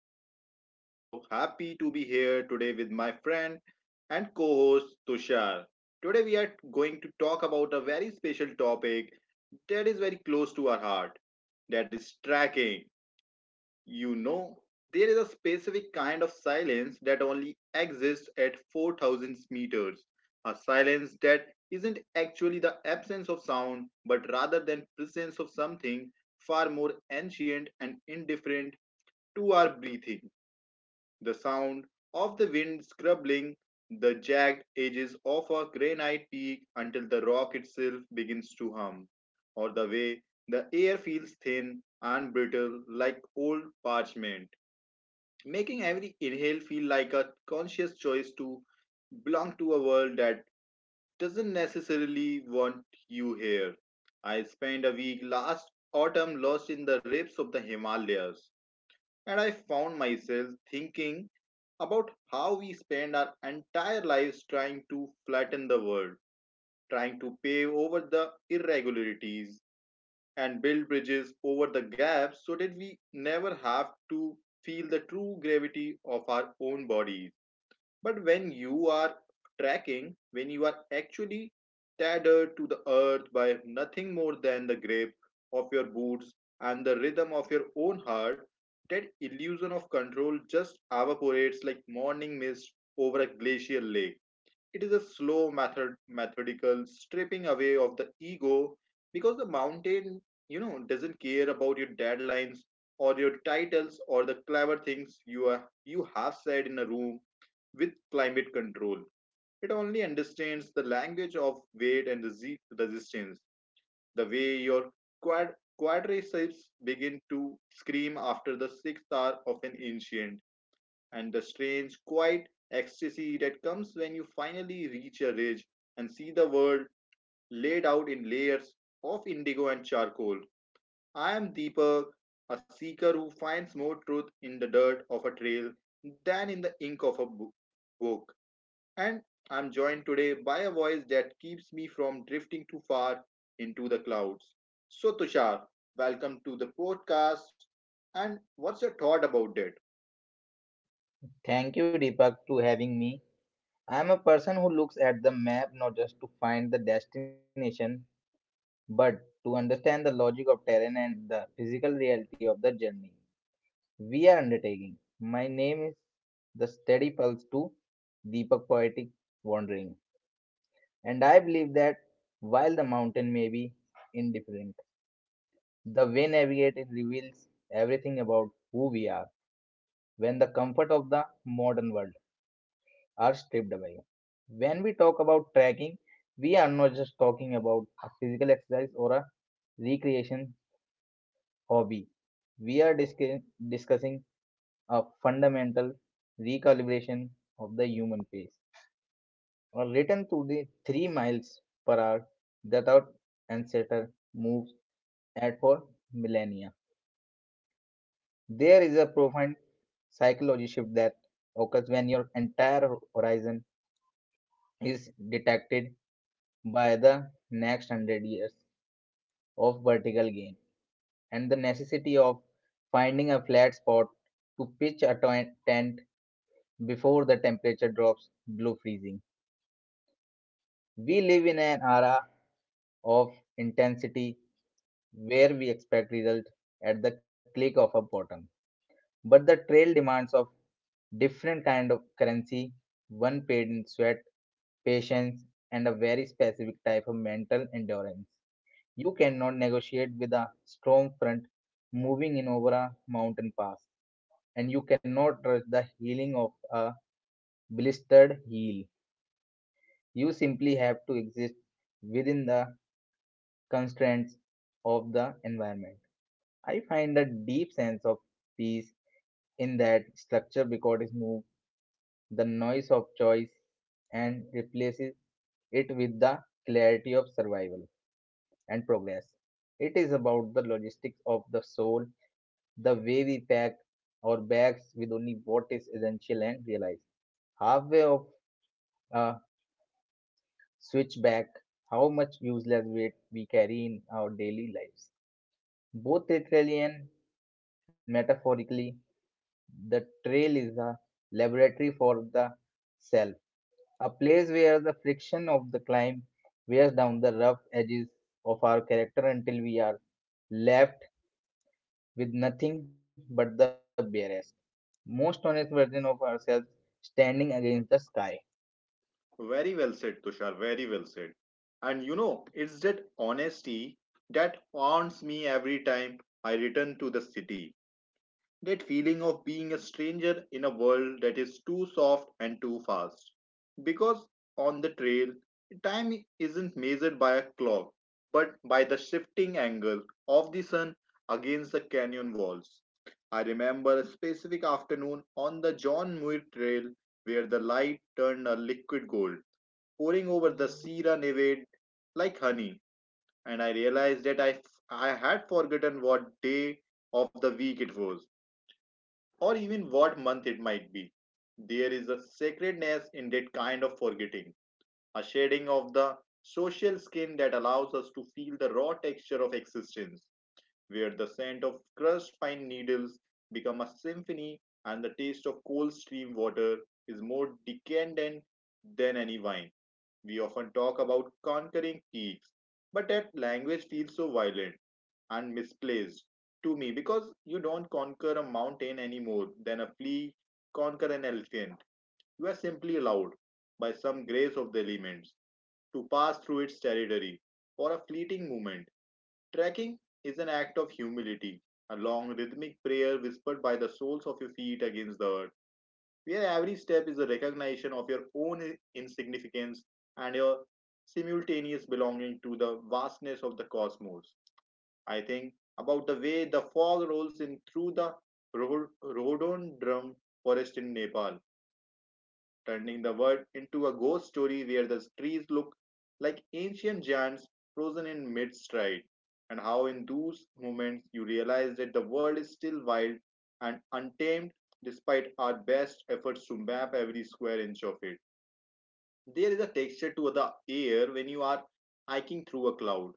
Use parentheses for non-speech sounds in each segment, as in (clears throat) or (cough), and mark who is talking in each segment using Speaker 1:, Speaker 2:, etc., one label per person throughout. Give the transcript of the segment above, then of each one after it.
Speaker 1: show. I'm so happy to be here today with my friend and co host Tushar. Today, we are going to talk about a very special topic that is very close to our heart, that is tracking. You know, there is a specific kind of silence that only exists at 4000 meters. A silence that isn't actually the absence of sound, but rather than presence of something far more ancient and indifferent to our breathing. The sound of the wind scrubbing the jagged edges of a granite peak until the rock itself begins to hum, or the way the air feels thin and brittle like old parchment, making every inhale feel like a conscious choice to belong to a world that doesn't necessarily want you here. I spent a week last autumn lost in the depths of the Himalayas, and I found myself thinking about how we spend our entire lives trying to flatten the world, trying to pave over the irregularities and build bridges over the gaps so that we never have to feel the true gravity of our own bodies. But when you are tracking, when you are actually tethered to the earth by nothing more than the grip of your boots and the rhythm of your own heart, that illusion of control just evaporates like morning mist over a glacial lake. It is a slow methodical stripping away of the ego, because the mountain, doesn't care about your deadlines or your titles or the clever things you have said in a room with climate control. It only understands the language of weight and the resistance, the way your quad quadriceps begin to scream after the sixth hour of an ancient, and the strange, quiet ecstasy that comes when you finally reach a ridge and see the world laid out in layers of indigo and charcoal. I am Deepak, a seeker who finds more truth in the dirt of a trail than in the ink of a book. And I'm joined today by a voice that keeps me from drifting too far into the clouds. So, Tushar, welcome to the podcast. And what's your thought about it?
Speaker 2: Thank you, Deepak, to having me. I'm a person who looks at the map not just to find the destination, but to understand the logic of terrain and the physical reality of the journey we are undertaking. My name is the steady pulse to Deepak Poetic Wandering, and I believe that while the mountain may be indifferent, the way navigated reveals everything about who we are. When the comfort of the modern world are stripped away. When we talk about trekking, we are not just talking about a physical exercise or a recreation hobby. We are discussing a fundamental recalibration of the human pace, or return to the 3 miles per hour that our ancestor moves at for millennia. There is a profound psychology shift that occurs when your entire horizon is detected by the next 100 years of vertical gain and the necessity of finding a flat spot to pitch a tent before the temperature drops below freezing. We live in an era of intensity where we expect results at the click of a button. But the trail demands of different kind of currency, one paid in sweat, patience, and a very specific type of mental endurance. You cannot negotiate with a strong front moving in over a mountain pass, and you cannot rush the healing of a blistered heel. You simply have to exist within the constraints of the environment. I find a deep sense of peace in that structure because it moves the noise of choice and replaces it with the clarity of survival and progress. It is about the logistics of the soul, the way we pack our bags with only what is essential and realize halfway of a switchback how much useless weight we carry in our daily lives. Both literally and metaphorically, the trail is a laboratory for the self, a place where the friction of the climb wears down the rough edges of our character until we are left with nothing but the barest, most honest version of ourselves standing against the sky.
Speaker 1: Very well said, Tushar. Very well said. And it's that honesty that haunts me every time I return to the city. That feeling of being a stranger in a world that is too soft and too fast. Because on the trail, time isn't measured by a clock, but by the shifting angle of the sun against the canyon walls. I remember a specific afternoon on the John Muir Trail where the light turned a liquid gold, pouring over the Sierra Nevada like honey, and I realized that I had forgotten what day of the week it was, or even what month it might be. There is a sacredness in that kind of forgetting, a shedding of the social skin that allows us to feel the raw texture of existence, where the scent of crushed pine needles become a symphony and the taste of cold stream water is more decadent than any wine. We often talk about conquering peaks, but that language feels so violent and misplaced to me, because you don't conquer a mountain any more than a flea conquer an elephant. You are simply allowed, by some grace of the elements, to pass through its territory for a fleeting moment. Trekking is an act of humility, a long rhythmic prayer whispered by the soles of your feet against the earth, where every step is a recognition of your own insignificance and your simultaneous belonging to the vastness of the cosmos. I think about the way the fog rolls in through the rhododendron forest in Nepal, turning the world into a ghost story where the trees look like ancient giants frozen in mid stride, and how in those moments you realize that the world is still wild and untamed despite our best efforts to map every square inch of it. There is a texture to the air when you are hiking through a cloud,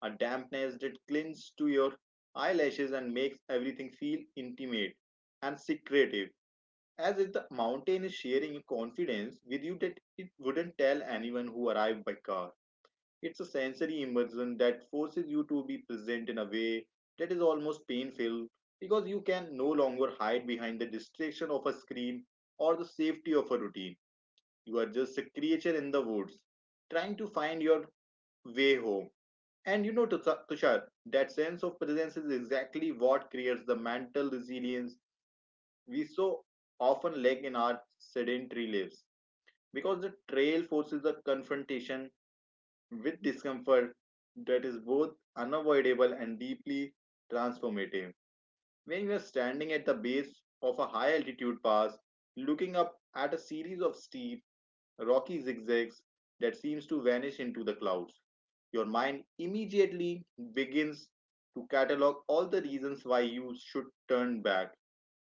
Speaker 1: a dampness that clings to your eyelashes and makes everything feel intimate and secretive, as if the mountain is sharing its confidence with you that it wouldn't tell anyone who arrived by car. It's a sensory immersion that forces you to be present in a way that is almost painful, because you can no longer hide behind the distraction of a screen or the safety of a routine. You are just a creature in the woods trying to find your way home. And Tushar, that sense of presence is exactly what creates the mental resilience we so often lack in our sedentary lives, because the trail forces a confrontation with discomfort that is both unavoidable and deeply transformative. When you are standing at the base of a high altitude pass, looking up at a series of steep, rocky zigzags that seems to vanish into the clouds, your mind immediately begins to catalog all the reasons why you should turn back,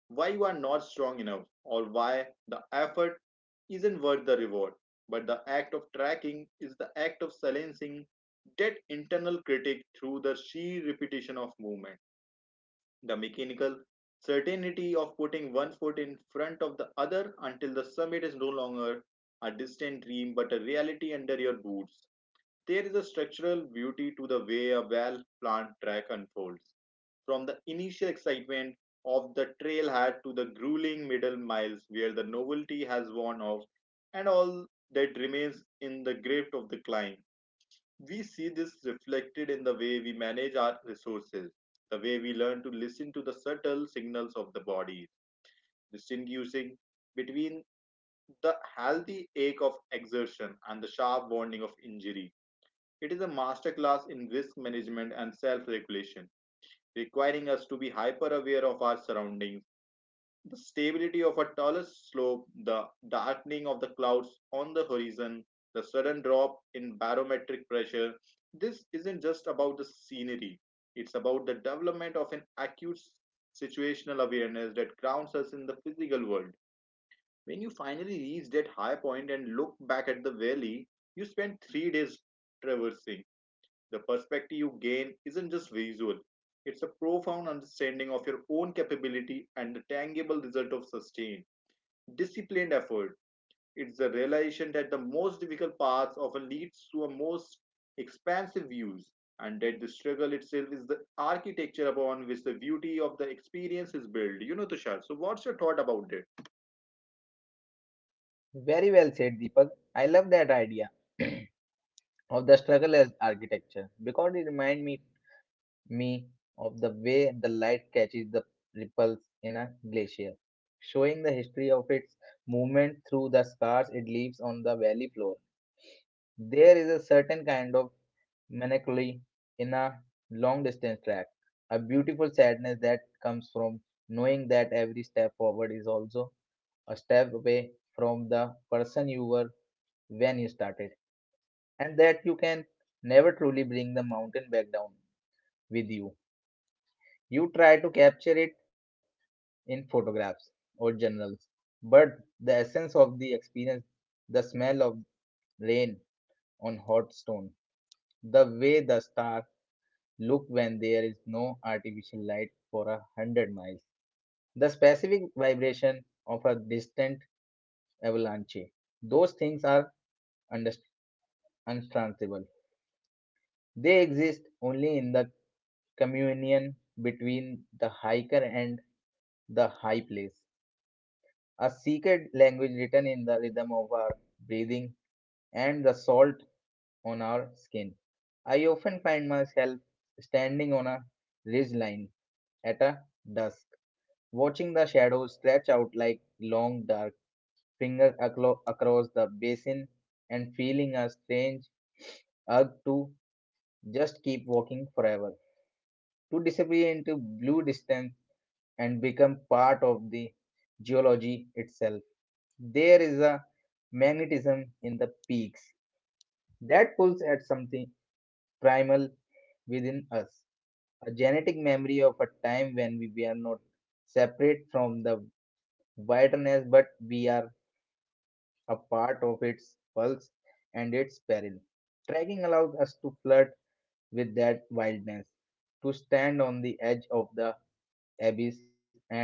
Speaker 1: why you are not strong enough, or why the effort isn't worth the reward. But the act of tracking is the act of silencing that internal critic through the sheer repetition of movement, the mechanical certainty of putting one foot in front of the other until the summit is no longer a distant dream but a reality under your boots. There is a structural beauty to the way a well planned track unfolds, from the initial excitement of the trailhead to the grueling middle miles where the novelty has worn off and all that remains in the grip of the climb. We see this reflected in the way we manage our resources, the way we learn to listen to the subtle signals of the body, distinguishing between the healthy ache of exertion and the sharp warning of injury. It is a masterclass in risk management and self regulation, requiring us to be hyper aware of our surroundings, the stability of a taller slope, the darkening of the clouds on the horizon, the sudden drop in barometric pressure. This isn't just about the scenery, it's about the development of an acute situational awareness that grounds us in the physical world. When you finally reach that high point and look back at the valley you spent 3 days traversing, the perspective you gain isn't just visual, it's a profound understanding of your own capability and the tangible result of sustained, disciplined effort. It's the realization that the most difficult paths often leads to a most expansive views, and that the struggle itself is the architecture upon which the beauty of the experience is built. Tushar. So, what's your thought about this?
Speaker 2: Very well said, Deepak. I love that idea (clears throat) of the struggle as architecture because it reminds me of the way the light catches the ripples in a glacier, showing the history of its movement through the scars it leaves on the valley floor. There is a certain kind of melancholy in a long distance track, a beautiful sadness that comes from knowing that every step forward is also a step away from the person you were when you started, and that you can never truly bring the mountain back down with you. You try to capture it in photographs or journals, but the essence of the experience, the smell of rain on hot stone, the way the stars look when there is no artificial light for 100 miles. The specific vibration of a distant avalanche. Those things are underst- untransable. They exist only in the communion between the hiker and the high place. A secret language written in the rhythm of our breathing and the salt on our skin. I often find myself standing on a ridge line at a dusk, watching the shadows stretch out like long dark fingers across the basin and feeling a strange urge to just keep walking forever, to disappear into blue distance and become part of the geology itself. There is a magnetism in the peaks that pulls at something primal within us, a genetic memory of a time when we are not separate from the wilderness but we are a part of its pulse and its peril. Trekking allows us to flirt with that wildness, to stand on the edge of the abyss and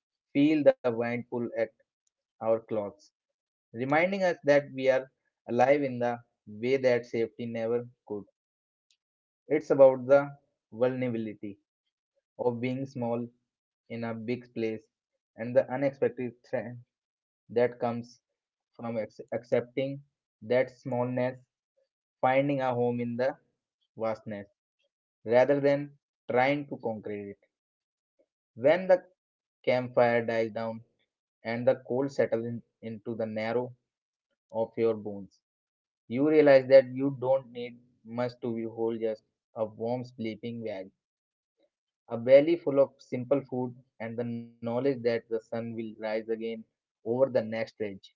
Speaker 2: feel the wind pull at our clothes, reminding us that we are alive in the way that safety never could. It's about the vulnerability of being small in a big place and the unexpected threat that comes from accepting that smallness, finding a home in the vastness rather than trying to conquer it. When the campfire dies down and the cold settles in, into the narrow of your bones, you realize that you don't need much to be whole, just a warm sleeping bag, a valley full of simple food, and the knowledge that the sun will rise again over the next ridge,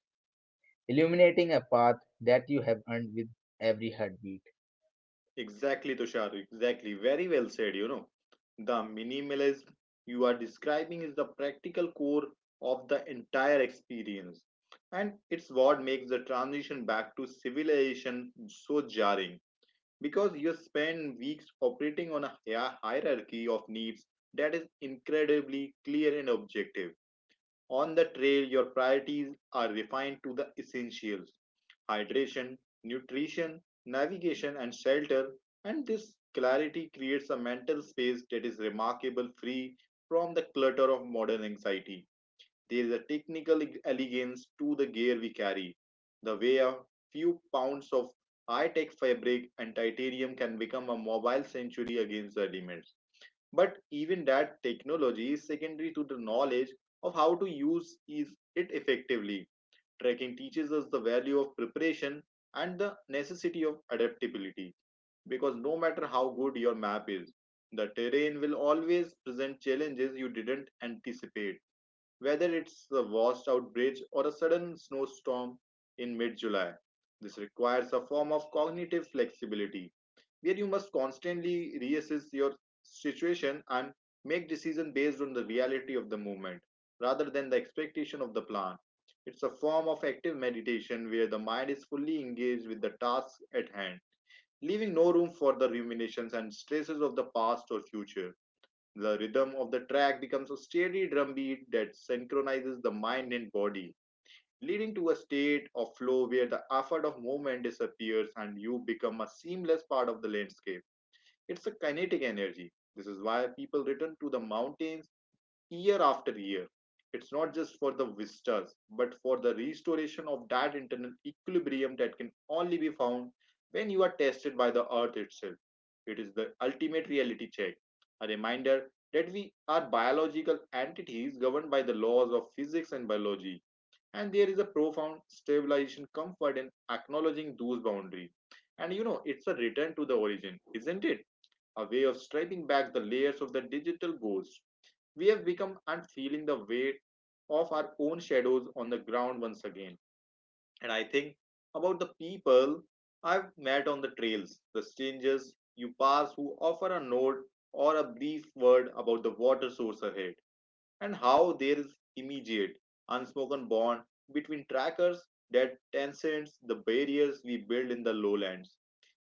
Speaker 2: illuminating a path that you have earned with every heartbeat.
Speaker 1: Exactly, Tushar. Exactly. Very well said. The minimalism you are describing is the practical core of the entire experience. And it's what makes the transition back to civilization so jarring. Because you spend weeks operating on a hierarchy of needs that is incredibly clear and objective. On the trail, your priorities are refined to the essentials: hydration, nutrition, navigation, and shelter. And this clarity creates a mental space that is remarkable free from the clutter of modern anxiety. There is a technical elegance to the gear we carry, the way a few pounds of high tech fabric and titanium can become a mobile sanctuary against the elements, but even that technology is secondary to the knowledge of how to use is- it effectively. Tracking teaches us the value of preparation and the necessity of adaptability, because no matter how good your map is, the terrain will always present challenges you didn't anticipate, whether it's a washed out bridge or a sudden snowstorm in mid July. This requires a form of cognitive flexibility where you must constantly reassess your situation and make decisions based on the reality of the moment rather than the expectation of the plan. It's a form of active meditation where the mind is fully engaged with the task at hand, leaving no room for the ruminations and stresses of the past or future. The rhythm of the track becomes a steady drumbeat that synchronizes the mind and body, leading to a state of flow where the effort of movement disappears and you become a seamless part of the landscape. It's a kinetic energy. This is why people return to the mountains year after year. It's not just for the visitors, but for the restoration of that internal equilibrium that can only be found when you are tested by the earth itself. It is the ultimate reality check, a reminder that we are biological entities governed by the laws of physics and biology, and there is a profound stabilization comfort in acknowledging those boundaries. And it's a return to the origin, isn't it? A way of stripping back the layers of the digital ghost we have become and feeling the weight of our own shadows on the ground once again. And I think about the people I've met on the trails, the strangers you pass who offer a note or a brief word about the water source ahead, and how there is immediate, unspoken bond between trackers that transcends the barriers we build in the lowlands.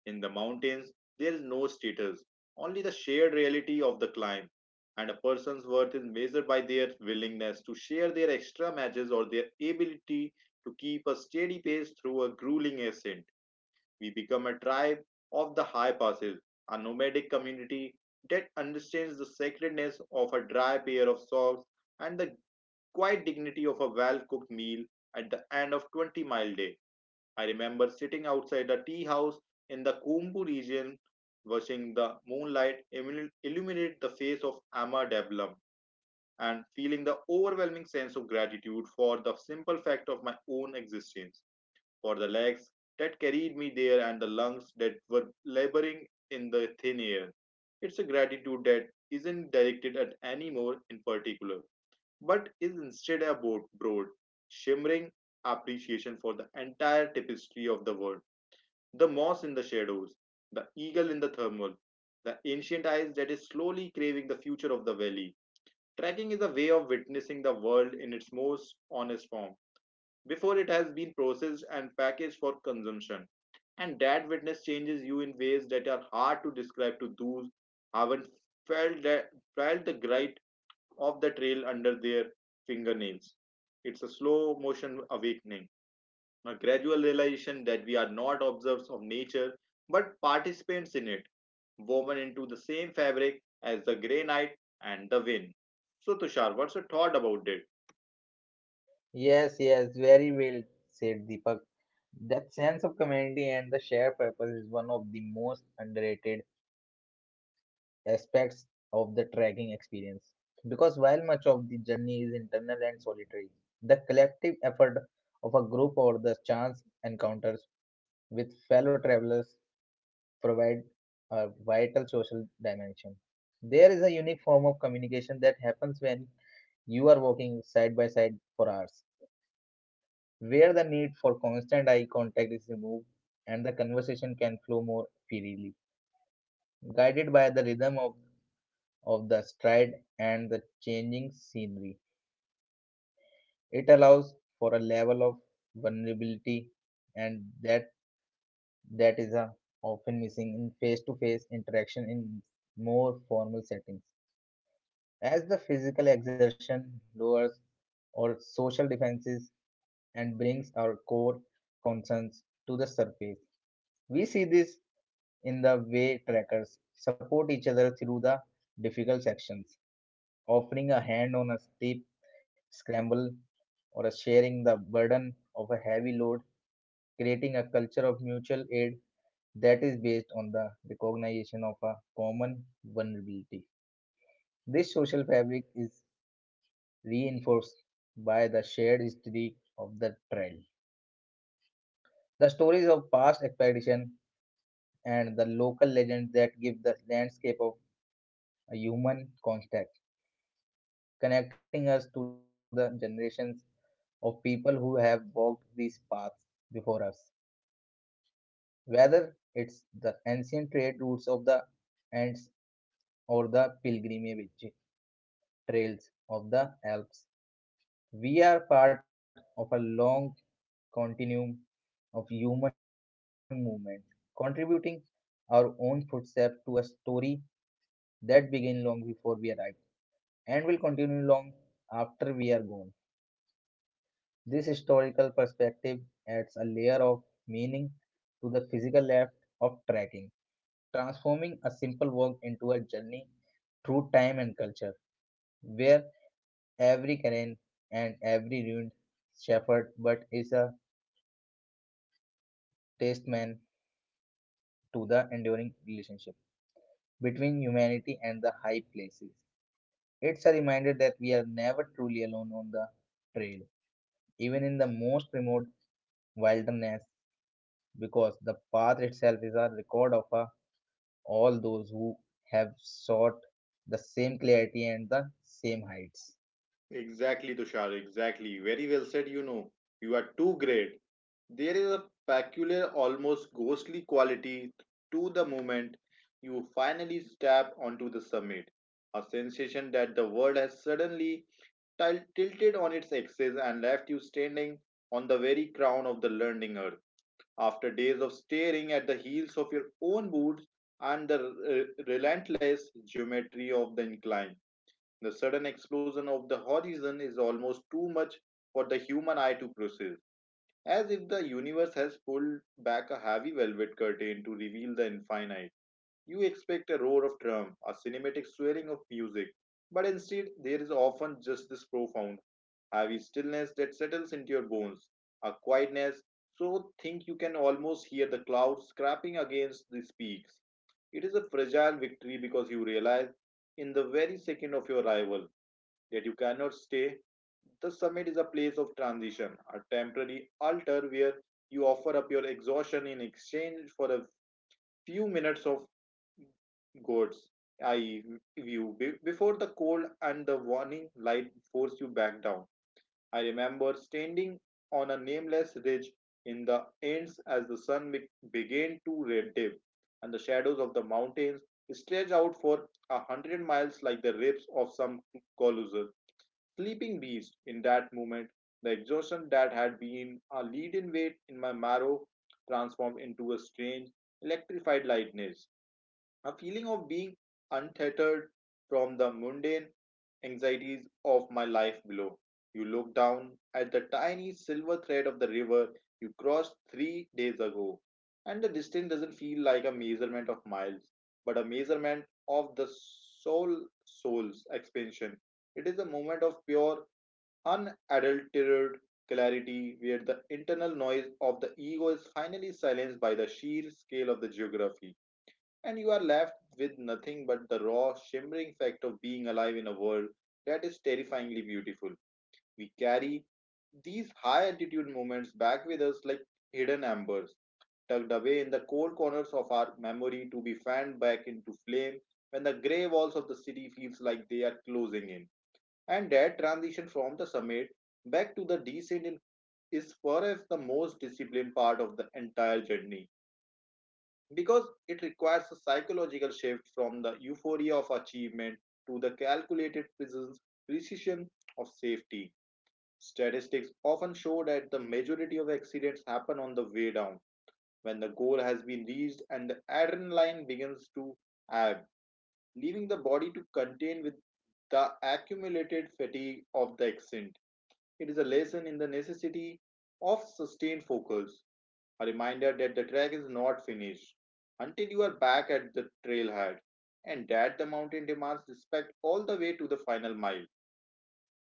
Speaker 1: In the mountains, there is no status, only the shared reality of the climb. And a person's worth is measured by their willingness to share their extra matches or their ability to keep a steady pace through a grueling ascent. We become a tribe of the high passes, a nomadic community that understands the sacredness of a dry pair of socks and the quiet dignity of a well cooked meal at the end of 20-mile day. I remember sitting outside the tea house in the Kumbu region, watching the moonlight illuminate the face of Amma Devlam and feeling the overwhelming sense of gratitude for the simple fact of my own existence, for the legs that carried me there and the lungs that were laboring in the thin air. It's a gratitude that isn't directed at any more in particular, but is instead a broad, shimmering appreciation for the entire tapestry of the world, the moss in the shadows, the eagle in the thermal, the ancient eyes that is slowly craving the future of the valley. Trekking is a way of witnessing the world in its most honest form before it has been processed and packaged for consumption. And that witness changes you in ways that are hard to describe to those who haven't felt, that, felt the grip of the trail under their fingernails. It's a slow motion awakening, a gradual realization that we are not observers of nature but participants in it, woven into the same fabric as the grey night and the wind. So, Tushar, what's your thought about it?
Speaker 2: Yes, yes, very well said, Deepak. That sense of community and the shared purpose is one of the most underrated aspects of the trekking experience. Because while much of the journey is internal and solitary, the collective effort of a group or the chance encounters with fellow travelers provide a vital social dimension. There is a unique form of communication that happens when you are walking side by side for hours, where the need for constant eye contact is removed and the conversation can flow more freely, guided by the rhythm of the stride and the changing scenery. It allows for a level of vulnerability and that is a often missing in face to face interaction in more formal settings. As the physical exertion lowers our social defenses and brings our core concerns to the surface, we see this in the way trekkers support each other through the difficult sections, offering a hand on a steep scramble or sharing the burden of a heavy load, creating a culture of mutual aid that is based on the recognition of a common vulnerability. This social fabric is reinforced by the shared history of the trail. The stories of past expeditions and the local legends that give the landscape of a human contact, connecting us to the generations of people who have walked these paths before us. Whether it's the ancient trade routes of the Ants or the pilgrimage trails of the Alps, we are part of a long continuum of human movement, contributing our own footsteps to a story that began long before we arrived and will continue long after we are gone. This historical perspective adds a layer of meaning to the physical act of trekking, transforming a simple walk into a journey through time and culture, where every canyon and every ruined shepherd but is a testament to the enduring relationship between humanity and the high places. It's a reminder that we are never truly alone on the trail, even in the most remote wilderness, because the path itself is a record of all those who have sought the same clarity and the same heights.
Speaker 1: Exactly, Tushar, exactly. Very well said, you know. You are too great. There is a peculiar, almost ghostly quality to the moment you finally step onto the summit, a sensation that the world has suddenly tilted on its axis and left you standing on the very crown of the learning earth. After days of staring at the heels of your own boots and the relentless geometry of the incline, the sudden explosion of the horizon is almost too much for the human eye to process, as if the universe has pulled back a heavy velvet curtain to reveal the infinite. You expect a roar of drum, a cinematic swelling of music, but instead there is often just this profound have a stillness that settles into your bones, a quietness so think you can almost hear the clouds scraping against the peaks. It is a fragile victory because you realize in the very second of your arrival that you cannot stay. The summit is a place of transition, a temporary altar where you offer up your exhaustion in exchange for a few minutes of God's eye view before the cold and the warning light force you back down. I remember standing on a nameless ridge in the ends as the sun began to red and the shadows of the mountains stretched out for 100 miles like the ribs of some colossal sleeping beast. In that moment, the exhaustion that had been a leaden weight in my marrow transformed into a strange, electrified lightness, a feeling of being untethered from the mundane anxieties of my life below. You look down at the tiny silver thread of the river you crossed 3 days ago, and the distance doesn't feel like a measurement of miles, but a measurement of the soul soul's expansion. It is a moment of pure, unadulterated clarity where the internal noise of the ego is finally silenced by the sheer scale of the geography, and you are left with nothing but the raw, shimmering fact of being alive in a world that is terrifyingly beautiful. We carry these high altitude moments back with us like hidden embers, tucked away in the cold corners of our memory to be fanned back into flame when the grey walls of the city feels like they are closing in. And that transition from the summit back to the descent is perhaps the most disciplined part of the entire journey because it requires a psychological shift from the euphoria of achievement to the calculated precision of safety. Statistics often show that the majority of accidents happen on the way down when the goal has been reached and the adrenaline begins to ebb, leaving the body to contend with the accumulated fatigue of the ascent. It is a lesson in the necessity of sustained focus, a reminder that the track is not finished until you are back at the trailhead and that the mountain demands respect all the way to the final mile.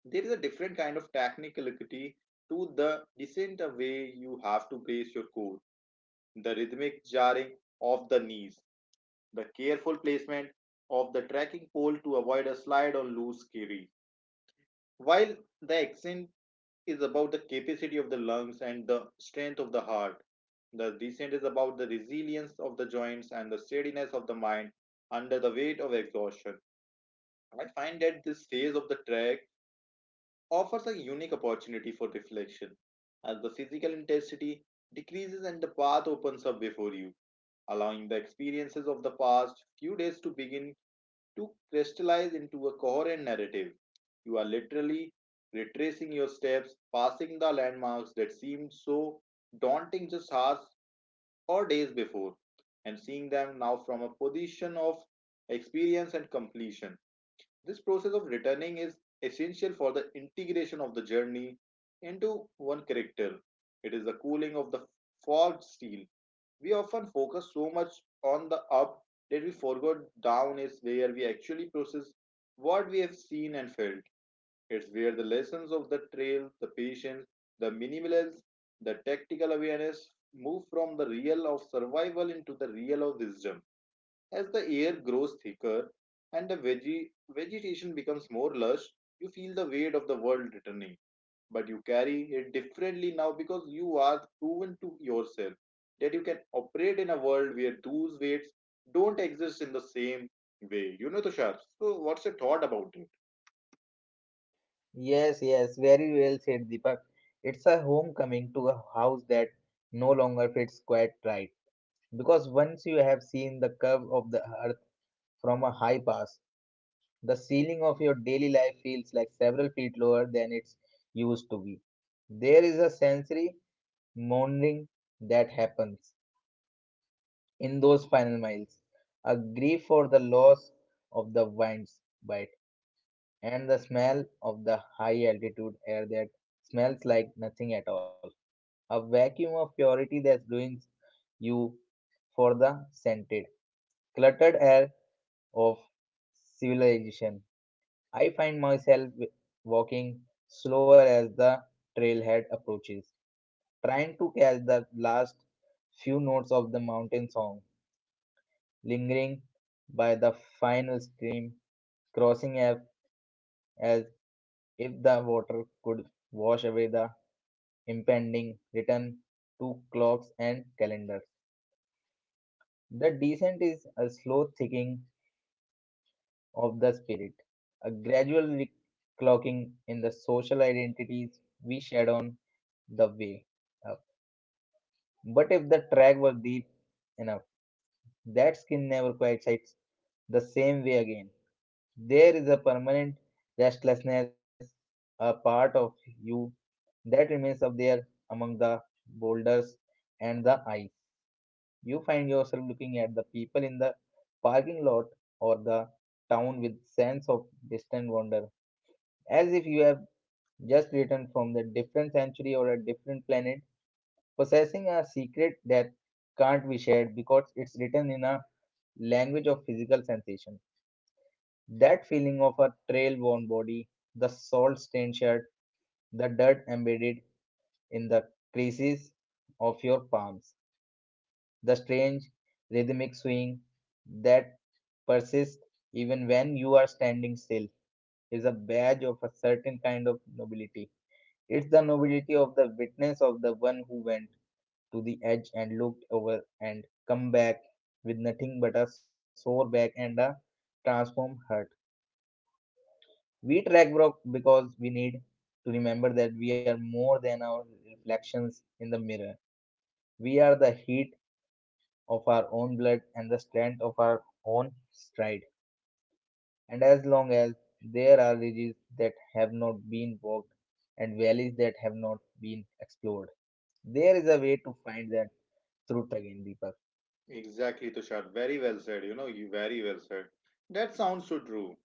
Speaker 1: There is a different kind of technicality to the descent, the way you have to brace your core, the rhythmic jarring of the knees, the careful placement of the trekking pole to avoid a slide on loose carry. While the accent is about the capacity of the lungs and the strength of the heart. The descent is about the resilience of the joints and the steadiness of the mind under the weight of exhaustion. I find that this phase of the trek offers a unique opportunity for reflection, as the physical intensity decreases and the path opens up before you, allowing the experiences of the past few days to begin to crystallize into a coherent narrative. You are literally retracing your steps, passing the landmarks that seemed so daunting just hours or days before, and seeing them now from a position of experience and completion. This process of returning is essential for the integration of the journey into one character. It is the cooling of the forged steel. We often focus so much on the up that we forgot down is where we actually process what we have seen and felt. It's where the lessons of the trail, the patience, the minimalism, the tactical awareness move from the real of survival into the real of wisdom. As the air grows thicker and the vegetation becomes more lush, you feel the weight of the world returning but you carry it differently now because you are proven to yourself that you can operate in a world where those weights don't exist in the same way. You know, Tushar. So, what's your thought about it?
Speaker 2: Yes, yes, very well said, Deepak. It's a homecoming to a house that no longer fits quite right. Because once you have seen the curve of the earth from a high pass, the ceiling of your daily life feels like several feet lower than it's used to be. There is a sensory mourning that happens in those final miles, a grief for the loss of the wind's bite and the smell of the high altitude air that smells like nothing at all, a vacuum of purity that ruins you for the scented, cluttered air of civilization. I find myself walking slower as the trailhead approaches, trying to catch the last few notes of the mountain song, lingering by the final stream, crossing up as if the water could wash away the impending return to clocks and calendars. The descent is a slow thickening of the spirit, a gradual reclocking in the social identities we shed on the way. But if the track were deep enough, that skin never quite sights the same way again. There is a permanent restlessness, a part of you that remains up there among the boulders and the ice. You find yourself looking at the people in the parking lot or the town with sense of distant wonder, as if you have just returned from a different century or a different planet, possessing a secret that can't be shared because it's written in a language of physical sensation. That feeling of a trail worn body, the salt stained shirt, the dirt embedded in the creases of your palms, the strange rhythmic swing that persists even when you are standing still is a badge of a certain kind of nobility. It's the nobility of the witness, of the one who went to the edge and looked over and come back with nothing but a sore back and a transformed heart. We track bro because we need to remember that we are more than our reflections in the mirror. We are the heat of our own blood and the strength of our own stride. And as long as there are ridges that have not been walked and valleys that have not been explored, there is a way to find that truth again, Deepak.
Speaker 1: Exactly, Tushar. Very well said. You know, you very well said. That sounds so true.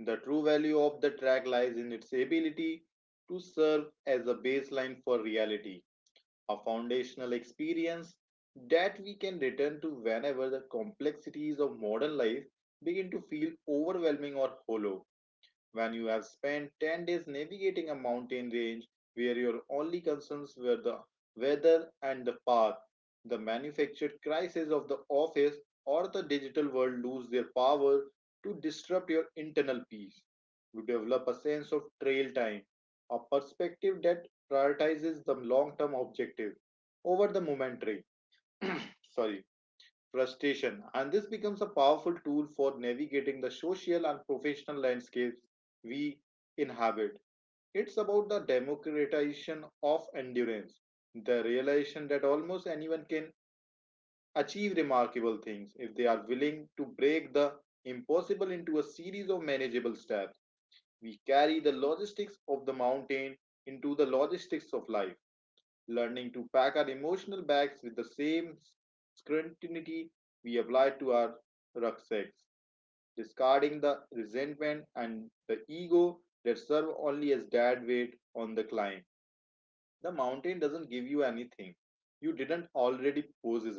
Speaker 1: The true value of the track lies in its ability to serve as a baseline for reality, a foundational experience that we can return to whenever the complexities of modern life begin to feel overwhelming or hollow when you have spent 10 days navigating a mountain range where your only concerns were the weather and the path. The manufactured crises of the office or the digital world lose their power to disrupt your internal peace. You develop a sense of trail time, a perspective that prioritizes the long term objective over the momentary. Sorry, frustration, and this becomes a powerful tool for navigating the social and professional landscapes we inhabit. It's about the democratization of endurance, the realization that almost anyone can achieve remarkable things if they are willing to break the impossible into a series of manageable steps. We carry the logistics of the mountain into the logistics of life, learning to pack our emotional bags with the same scrutiny we apply to our rucksacks, discarding the resentment and the ego that serve only as dead weight on the climb. The mountain doesn't give you anything you didn't already possess.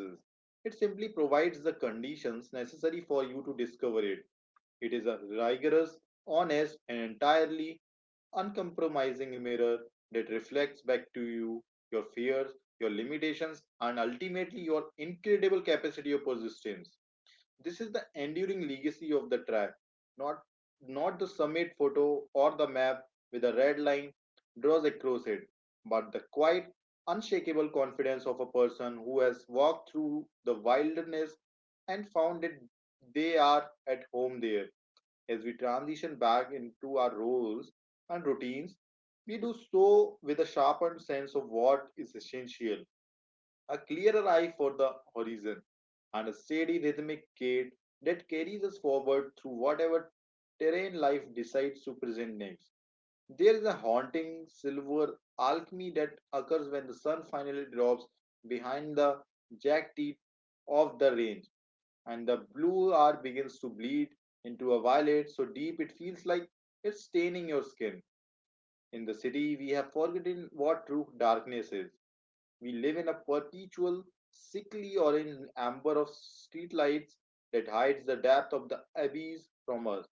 Speaker 1: It simply provides the conditions necessary for you to discover it. It is a rigorous, honest, and entirely uncompromising mirror that reflects back to you your fears, your limitations, and ultimately your incredible capacity of persistence. This is the enduring legacy of the track, not not the summit photo or the map with a red line draws across it, but the quiet, unshakable confidence of a person who has walked through the wilderness and found that they are at home there. As we transition back into our roles and routines, we do so with a sharpened sense of what is essential, a clearer eye for the horizon, and a steady rhythmic gait that carries us forward through whatever terrain life decides to present next. There is a haunting silver alchemy that occurs when the sun finally drops behind the jagged teeth of the range, and the blue hour begins to bleed into a violet so deep it feels like it's staining your skin. In the city, we have forgotten what true darkness is. We live in a perpetual, sickly orange amber of streetlights that hides the depth of the abyss from us.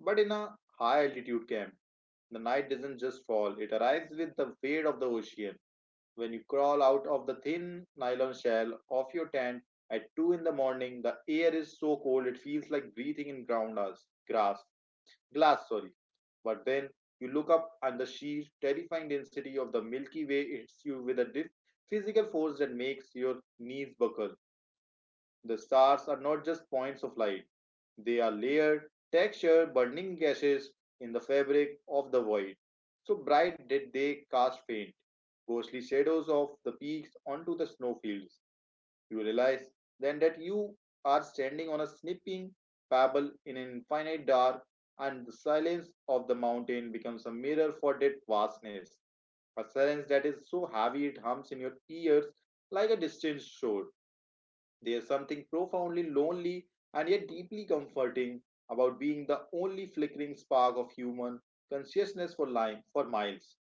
Speaker 1: But in a high altitude camp, the night doesn't just fall, it arrives with the fade of the ocean. When you crawl out of the thin nylon shell of your tent at 2 in the morning, the air is so cold it feels like breathing in ground grass, glass, sorry. But then you look up, and the sheer, terrifying density of the Milky Way hits you with a physical force that makes your knees buckle. The stars are not just points of light; they are layered, textured, burning gases in the fabric of the void. So bright did they cast faint, ghostly shadows of the peaks onto the snowfields. You realize then that you are standing on a snipping pebble in an infinite dark, and the silence of the mountain becomes a mirror for that vastness, a silence that is so heavy it hums in your ears like a distant shore. There's something profoundly lonely and yet deeply comforting about being the only flickering spark of human consciousness for miles,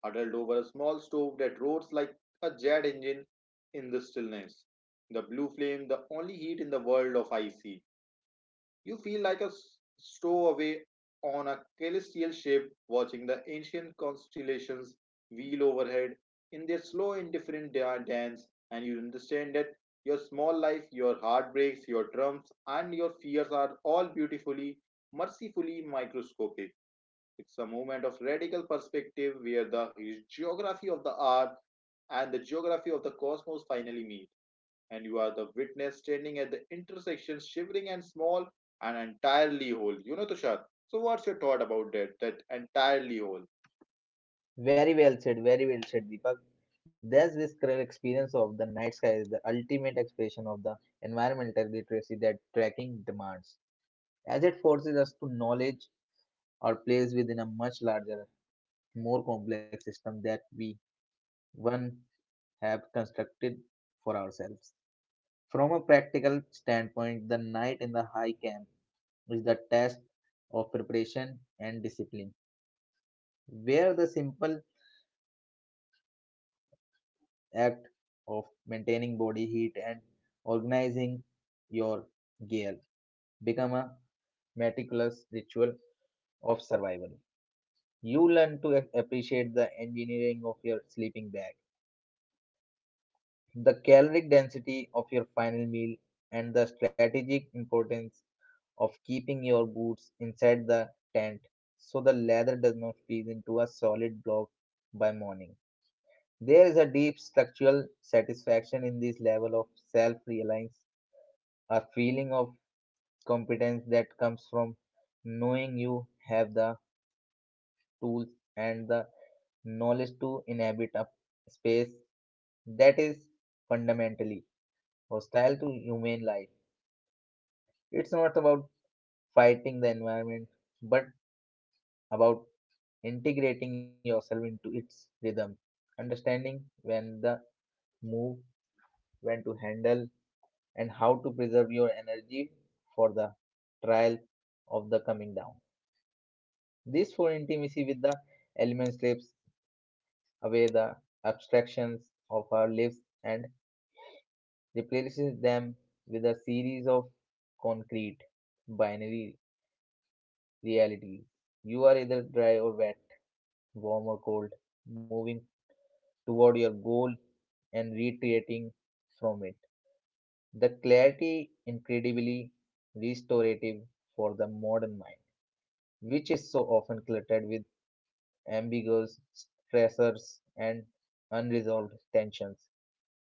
Speaker 1: huddled over a small stove that roars like a jet engine in the stillness. The blue flame, the only heat in the world of ice, you feel like a stowaway on a celestial ship watching the ancient constellations wheel overhead in their slow, indifferent dance, and you understand that your small life, your heartbreaks, your triumphs, and your fears are all beautifully, mercifully microscopic. It's a moment of radical perspective where the geography of the art and the geography of the cosmos finally meet, and you are the witness standing at the intersection, shivering and small and entirely whole. You know, Tushar. So, what's your thought about that? That entirely whole.
Speaker 2: Very well said, Deepak. Thus, this current experience of the night sky is the ultimate expression of the environmental literacy that tracking demands. As it forces us to knowledge our place within a much larger, more complex system that we one have constructed for ourselves. From a practical standpoint, the night in the high camp is the test of preparation and discipline, where the simple act of maintaining body heat and organizing your gear become a meticulous ritual of survival. You learn to appreciate the engineering of your sleeping bag, the caloric density of your final meal, and the strategic importance of keeping your boots inside the tent so the leather does not freeze into a solid block by morning. There is a deep structural satisfaction in this level of self reliance, a feeling of competence that comes from knowing you have the tools and the knowledge to inhabit a space that is fundamentally hostile to human life. It's not about fighting the environment, but about integrating yourself into its rhythm, understanding when the move, when to handle, and how to preserve your energy for the trial of the coming down. This for intimacy with the elements slips away the abstractions of our lives and replaces them with a series of concrete binary realities. You are either dry or wet, warm or cold, moving toward your goal and retreating from it. The clarity incredibly restorative for the modern mind, which is so often cluttered with ambiguous stressors and unresolved tensions.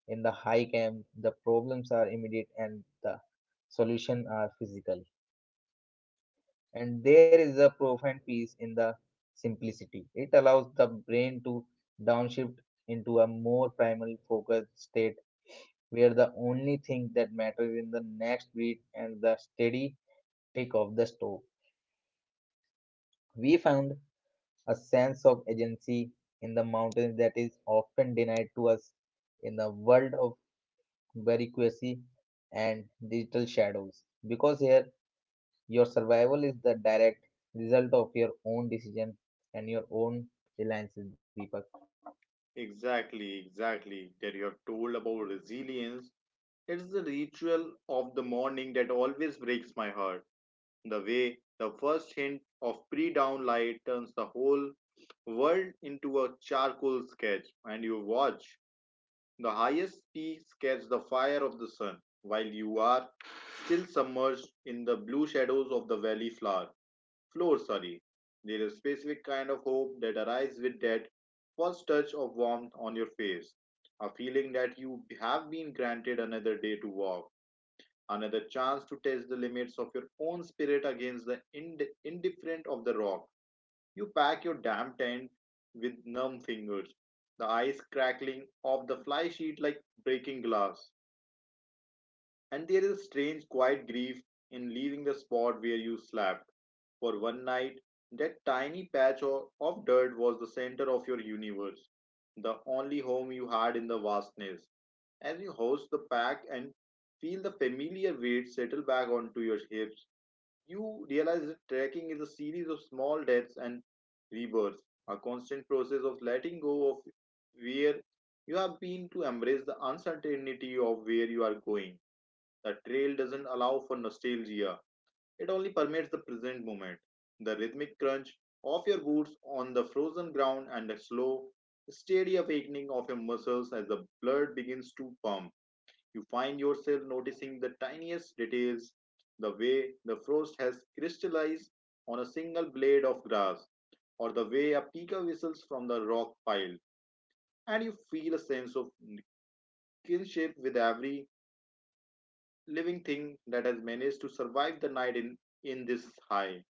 Speaker 2: In the high camp, the problems are immediate and the solutions are physical, and there is a profound peace in the simplicity. It allows the brain to downshift into a more primal focused state where the only thing that matters is the next beat and the steady tick of the stove. We found a sense of agency in the mountains that is often denied to us in the world of bureaucracy and digital shadows, because here your survival is the direct result of your own decision and your own reliances, Deepak.
Speaker 1: Exactly, exactly. That you have told about resilience. It is the ritual of the morning that always breaks my heart. The way the first hint of pre dawn light turns the whole world into a charcoal sketch, and you watch the highest peaks catch the fire of the sun while you are still submerged in the blue shadows of the valley floor, floor sorry There is a specific kind of hope that arises with that first touch of warmth on your face, a feeling that you have been granted another day to walk, another chance to test the limits of your own spirit against the indifferent of the rock. You pack your damn tent with numb fingers, the ice crackling off the fly sheet like breaking glass, and there is a strange, quiet grief in leaving the spot where you slept. For one night, that tiny patch of dirt was the center of your universe, the only home you had in the vastness. As you hoist the pack and feel the familiar weight settle back onto your hips, you realize that trekking is a series of small deaths and rebirths, a constant process of letting go of where you have been to embrace the uncertainty of where you are going. The trail doesn't allow for nostalgia; it only permits the present moment. The rhythmic crunch of your boots on the frozen ground and the slow, steady awakening of your muscles as the blood begins to pump. You find yourself noticing the tiniest details, the way the frost has crystallized on a single blade of grass, or the way a pika whistles from the rock pile, and you feel a sense of kinship with every living thing that has managed to survive the night in this high,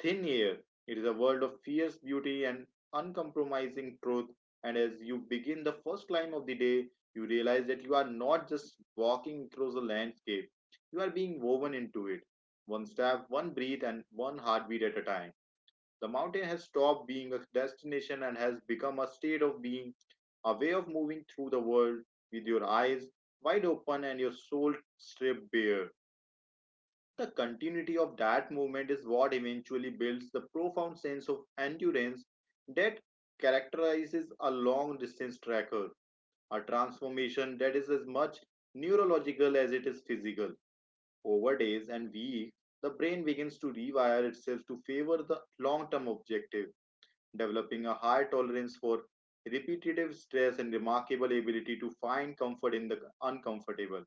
Speaker 1: thin air. It is a world of fierce beauty and uncompromising truth. And as you begin the first climb of the day, you realize that you are not just walking across the landscape, you are being woven into it. One step, one breath, and one heartbeat at a time. The mountain has stopped being a destination and has become a state of being, a way of moving through the world with your eyes wide open and your soul stripped bare. The continuity of that movement is what eventually builds the profound sense of endurance that characterizes a long distance tracker, a transformation that is as much neurological as it is physical. Over days and weeks, the brain begins to rewire itself to favor the long term objective, developing a high tolerance for repetitive stress and remarkable ability to find comfort in the uncomfortable.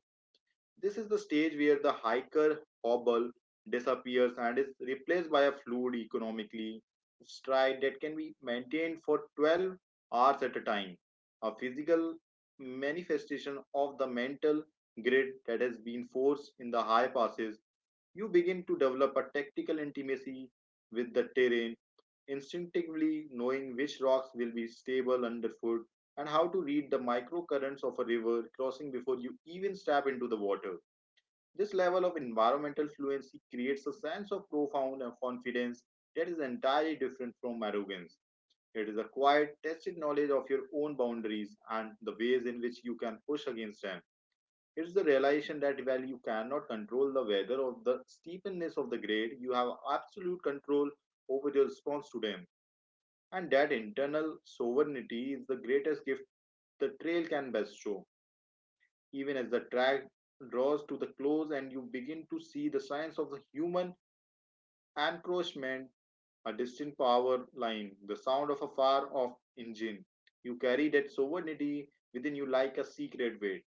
Speaker 1: This is the stage where the hiker hobble disappears and is replaced by a fluid economically stride that can be maintained for 12 hours at a time. A physical manifestation of the mental grid that has been forced in the high passes, you begin to develop a tactical intimacy with the terrain, instinctively knowing which rocks will be stable underfoot and how to read the microcurrents of a river crossing before you even step into the water. This level of environmental fluency creates a sense of profound confidence that is entirely different from arrogance. It is a quiet, tested knowledge of your own boundaries and the ways in which you can push against them. It is the realization that while you cannot control the weather or the steepness of the grade, you have absolute control over your response to them. And that internal sovereignty is the greatest gift the trail can bestow, even as the track draws to the close and you begin to see the signs of the human encroachment, a distant power line, the sound of a far off engine. You carry that sovereignty within you like a secret weight.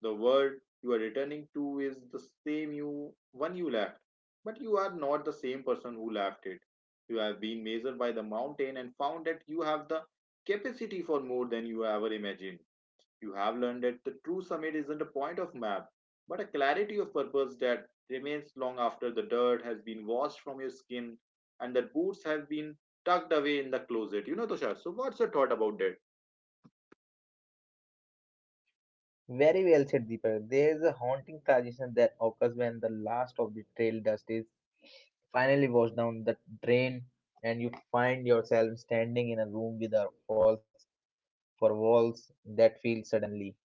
Speaker 1: The world you are returning to is the same you one you left, but you are not the same person who left it. You have been measured by the mountain and found that you have the capacity for more than you ever imagined. You have learned that the true summit isn't a point of map, but a clarity of purpose that remains long after the dirt has been washed from your skin and the boots have been tucked away in the closet. You know, Tushar. So, what's your thought about that?
Speaker 2: Very well said, Deepak. There is a haunting transition that occurs when the last of the trail dust is finally washed down the drain, and you find yourself standing in a room with a walls for walls that feel suddenly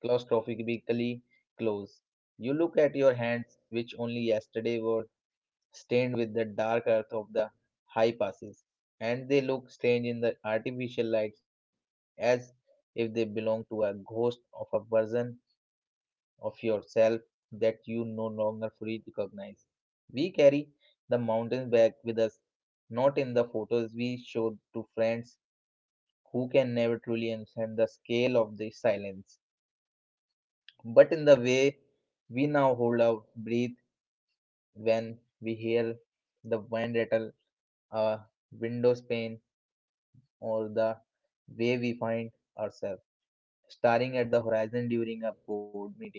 Speaker 2: claustrophobically close. You look at your hands, which only yesterday were stained with the dark earth of the high passes, and they look strange in the artificial lights, as if they belong to a ghost of a version of yourself that you no longer fully recognize. We carry the mountains back with us, not in the photos we show to friends who can never truly understand the scale of the silence, but in the way we now hold our breath when we hear the wind rattle a windows pane, or the way we find ourselves staring at the horizon during a board meeting,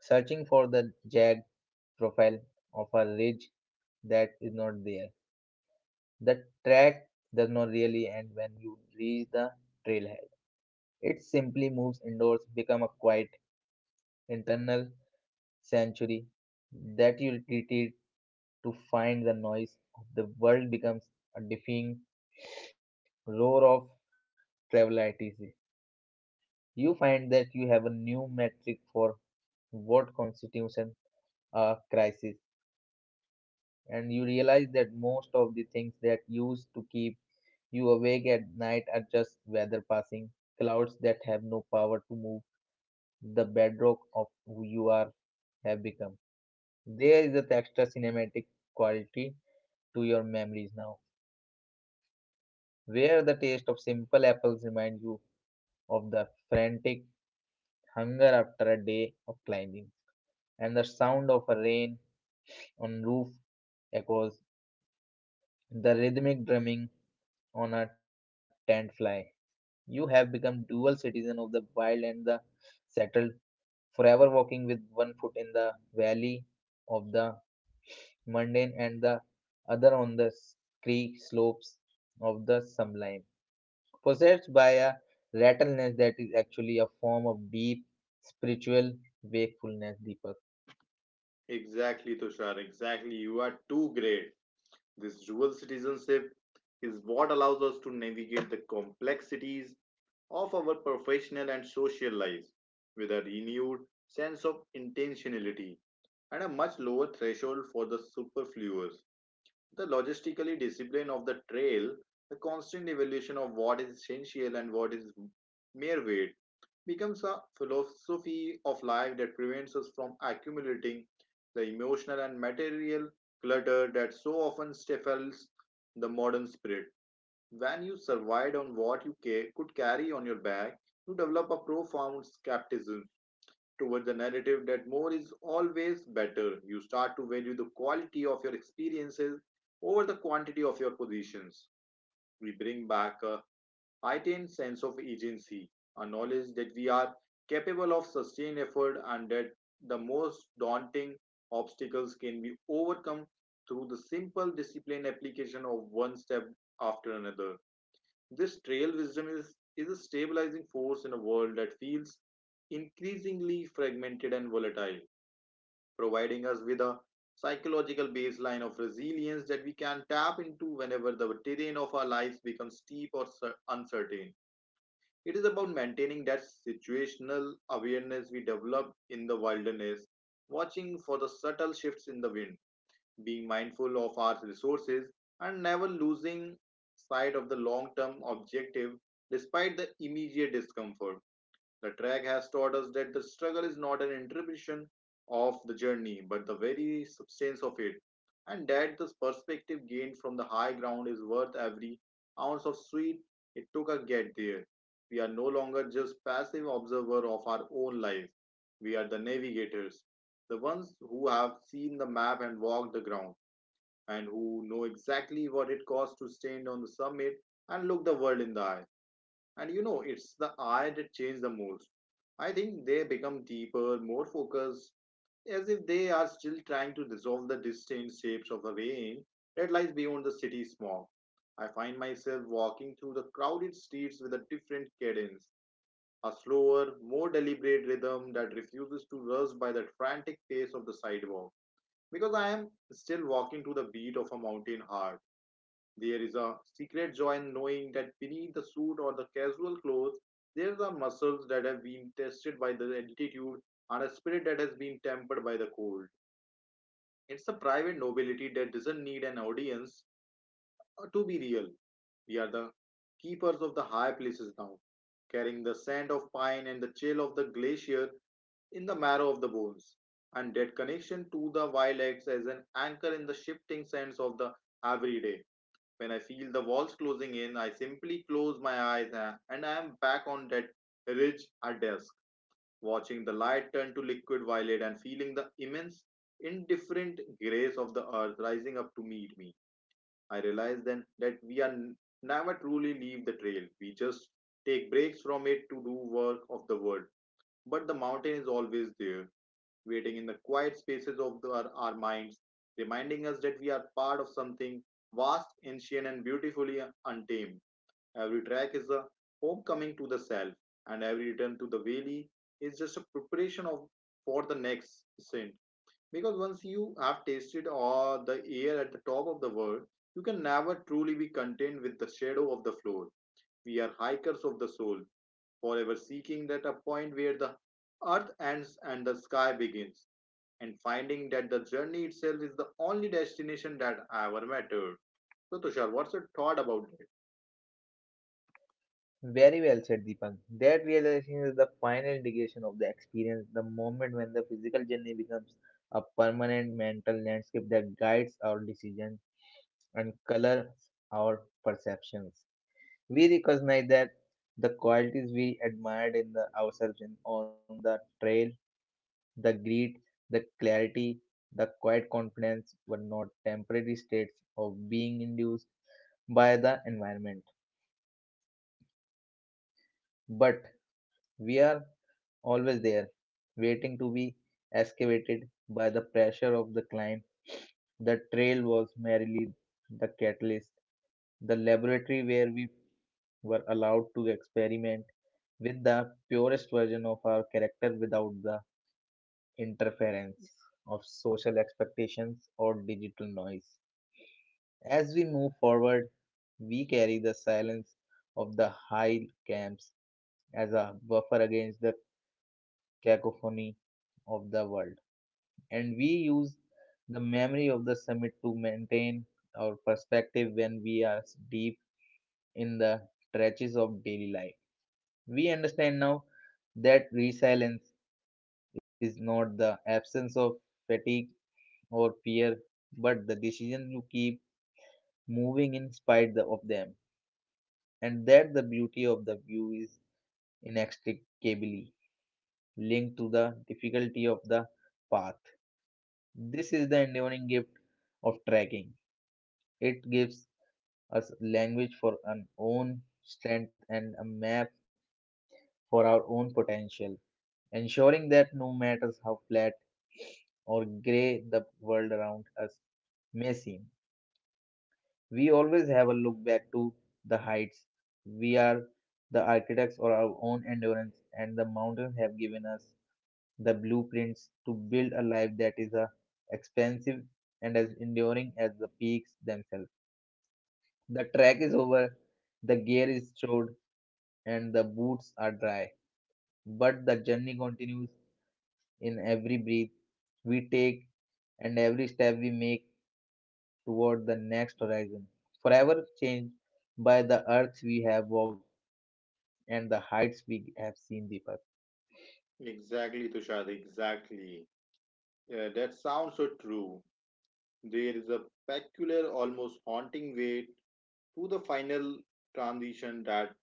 Speaker 2: searching for the jagged profile of a ridge that is not there. The track does not really end when you reach the trailhead. It simply moves indoors, become a quiet internal sanctuary that you retreat to find the noise of the world becomes a deafening roar of travel ITC. You find that you have a new metric for what constitutes a crisis, and you realize that most of the things that used to keep you awake at night are just weather, passing clouds that have no power to move the bedrock of who you are have become. There is a extra cinematic quality to your memories now, where the taste of simple apples reminds you of the frantic hunger after a day of climbing, and the sound of a rain on roof echoes, the rhythmic drumming on a tent fly. You have become dual citizen of the wild and the settled, forever walking with one foot in the valley of the mundane and the other on the creek slopes of the sublime. Possessed by a rattleness that is actually a form of deep spiritual wakefulness, deeper.
Speaker 1: Exactly, Tushar. Exactly. You are too great. This dual citizenship is what allows us to navigate the complexities of our professional and social lives with a renewed sense of intentionality and a much lower threshold for the superfluous. The logistically discipline of the trail, the constant evolution of what is essential and what is mere weight, becomes a philosophy of life that prevents us from accumulating the emotional and material clutter that so often stifles the modern spirit. When you survived on what you could carry on your back, you develop a profound skepticism towards the narrative that more is always better. You start to value the quality of your experiences over the quantity of your positions. We bring back a heightened sense of agency, a knowledge that we are capable of sustained effort and that the most daunting obstacles can be overcome through the simple disciplined application of one step after another. This trail wisdom is a stabilizing force in a world that feels increasingly fragmented and volatile, providing us with a psychological baseline of resilience that we can tap into whenever the terrain of our lives becomes steep or uncertain. It is about maintaining that situational awareness we develop in the wilderness, watching for the subtle shifts in the wind, being mindful of our resources, and never losing sight of the long term objective despite the immediate discomfort. The track has taught us that the struggle is not an interruption of the journey, but the very substance of it, and that the perspective gained from the high ground is worth every ounce of sweat it took to get there. We are no longer just passive observer of our own lives. We are the navigators, the ones who have seen the map and walked the ground and who know exactly what it costs to stand on the summit and look the world in the eye. And you know, it's the eye that changes the most. I think they become deeper, more focused, as if they are still trying to dissolve the distant shapes of the rain that lies beyond the city smog. I find myself walking through the crowded streets with a different cadence, a slower, more deliberate rhythm that refuses to rush by the frantic pace of the sidewalk, because I am still walking to the beat of a mountain heart. There is a secret joy in knowing that beneath the suit or the casual clothes, there are muscles that have been tested by the altitude and a spirit that has been tempered by the cold. It's a private nobility that doesn't need an audience to be real. We are the keepers of the high places now, carrying the scent of pine and the chill of the glacier in the marrow of the bones. And that connection to the wild acts as an anchor in the shifting sands of the everyday when I feel the walls closing in, I simply close my eyes and I am back on that ridge at dusk, watching the light turn to liquid violet and feeling the immense, indifferent grace of the earth rising up to meet me. I realize then that never truly leave the trail. We just take breaks from it to do work of the world. But the mountain is always there, waiting in the quiet spaces of our minds, reminding us that we are part of something vast, ancient, and beautifully untamed. Every track is a homecoming to the self, and every return to the valley is just a preparation of for the next ascent. Because once you have tasted all the air at the top of the world, you can never truly be content with the shadow of the floor. We are hikers of the soul, forever seeking that a point where the earth ends and the sky begins and finding that the journey itself is the only destination that ever mattered. So, Tushar, what's your thought about it?
Speaker 2: Very well said, Deepak. That realization is the final integration of the experience, the moment when the physical journey becomes a permanent mental landscape that guides our decisions and color our perceptions. We recognize that the qualities we admired in the ourselves in, on the trail, the grit, the clarity, the quiet confidence were not temporary states of being induced by the environment, but we are always there, waiting to be excavated by the pressure of the climb. The trail was merely the catalyst, the laboratory where we were allowed to experiment with the purest version of our character without the interference of social expectations or digital noise. As we move forward, we carry the silence of the high camps as a buffer against the cacophony of the world, and we use the memory of the summit to maintain our perspective when we are deep in the trenches of daily life. We understand now that resilience is not the absence of fatigue or fear, but the decision to keep moving in spite of them, and that the beauty of the view is inextricably linked to the difficulty of the path. This is the enduring gift of trekking. It gives a language for our own strength and a map for our own potential, ensuring that no matter how flat or grey the world around us may seem, we always have a look back to the heights. We are the architects of our own endurance, and the mountains have given us the blueprints to build a life that is as expansive and as enduring as the peaks themselves. The track is over, the gear is stored, and the boots are dry. But the journey continues in every breath we take and every step we make toward the next horizon, forever changed by the earths we have walked and the heights we have seen, Deepak.
Speaker 1: Exactly, Tushar, exactly. Yeah, that sounds so true. There is a peculiar, almost haunting way to the final transition, that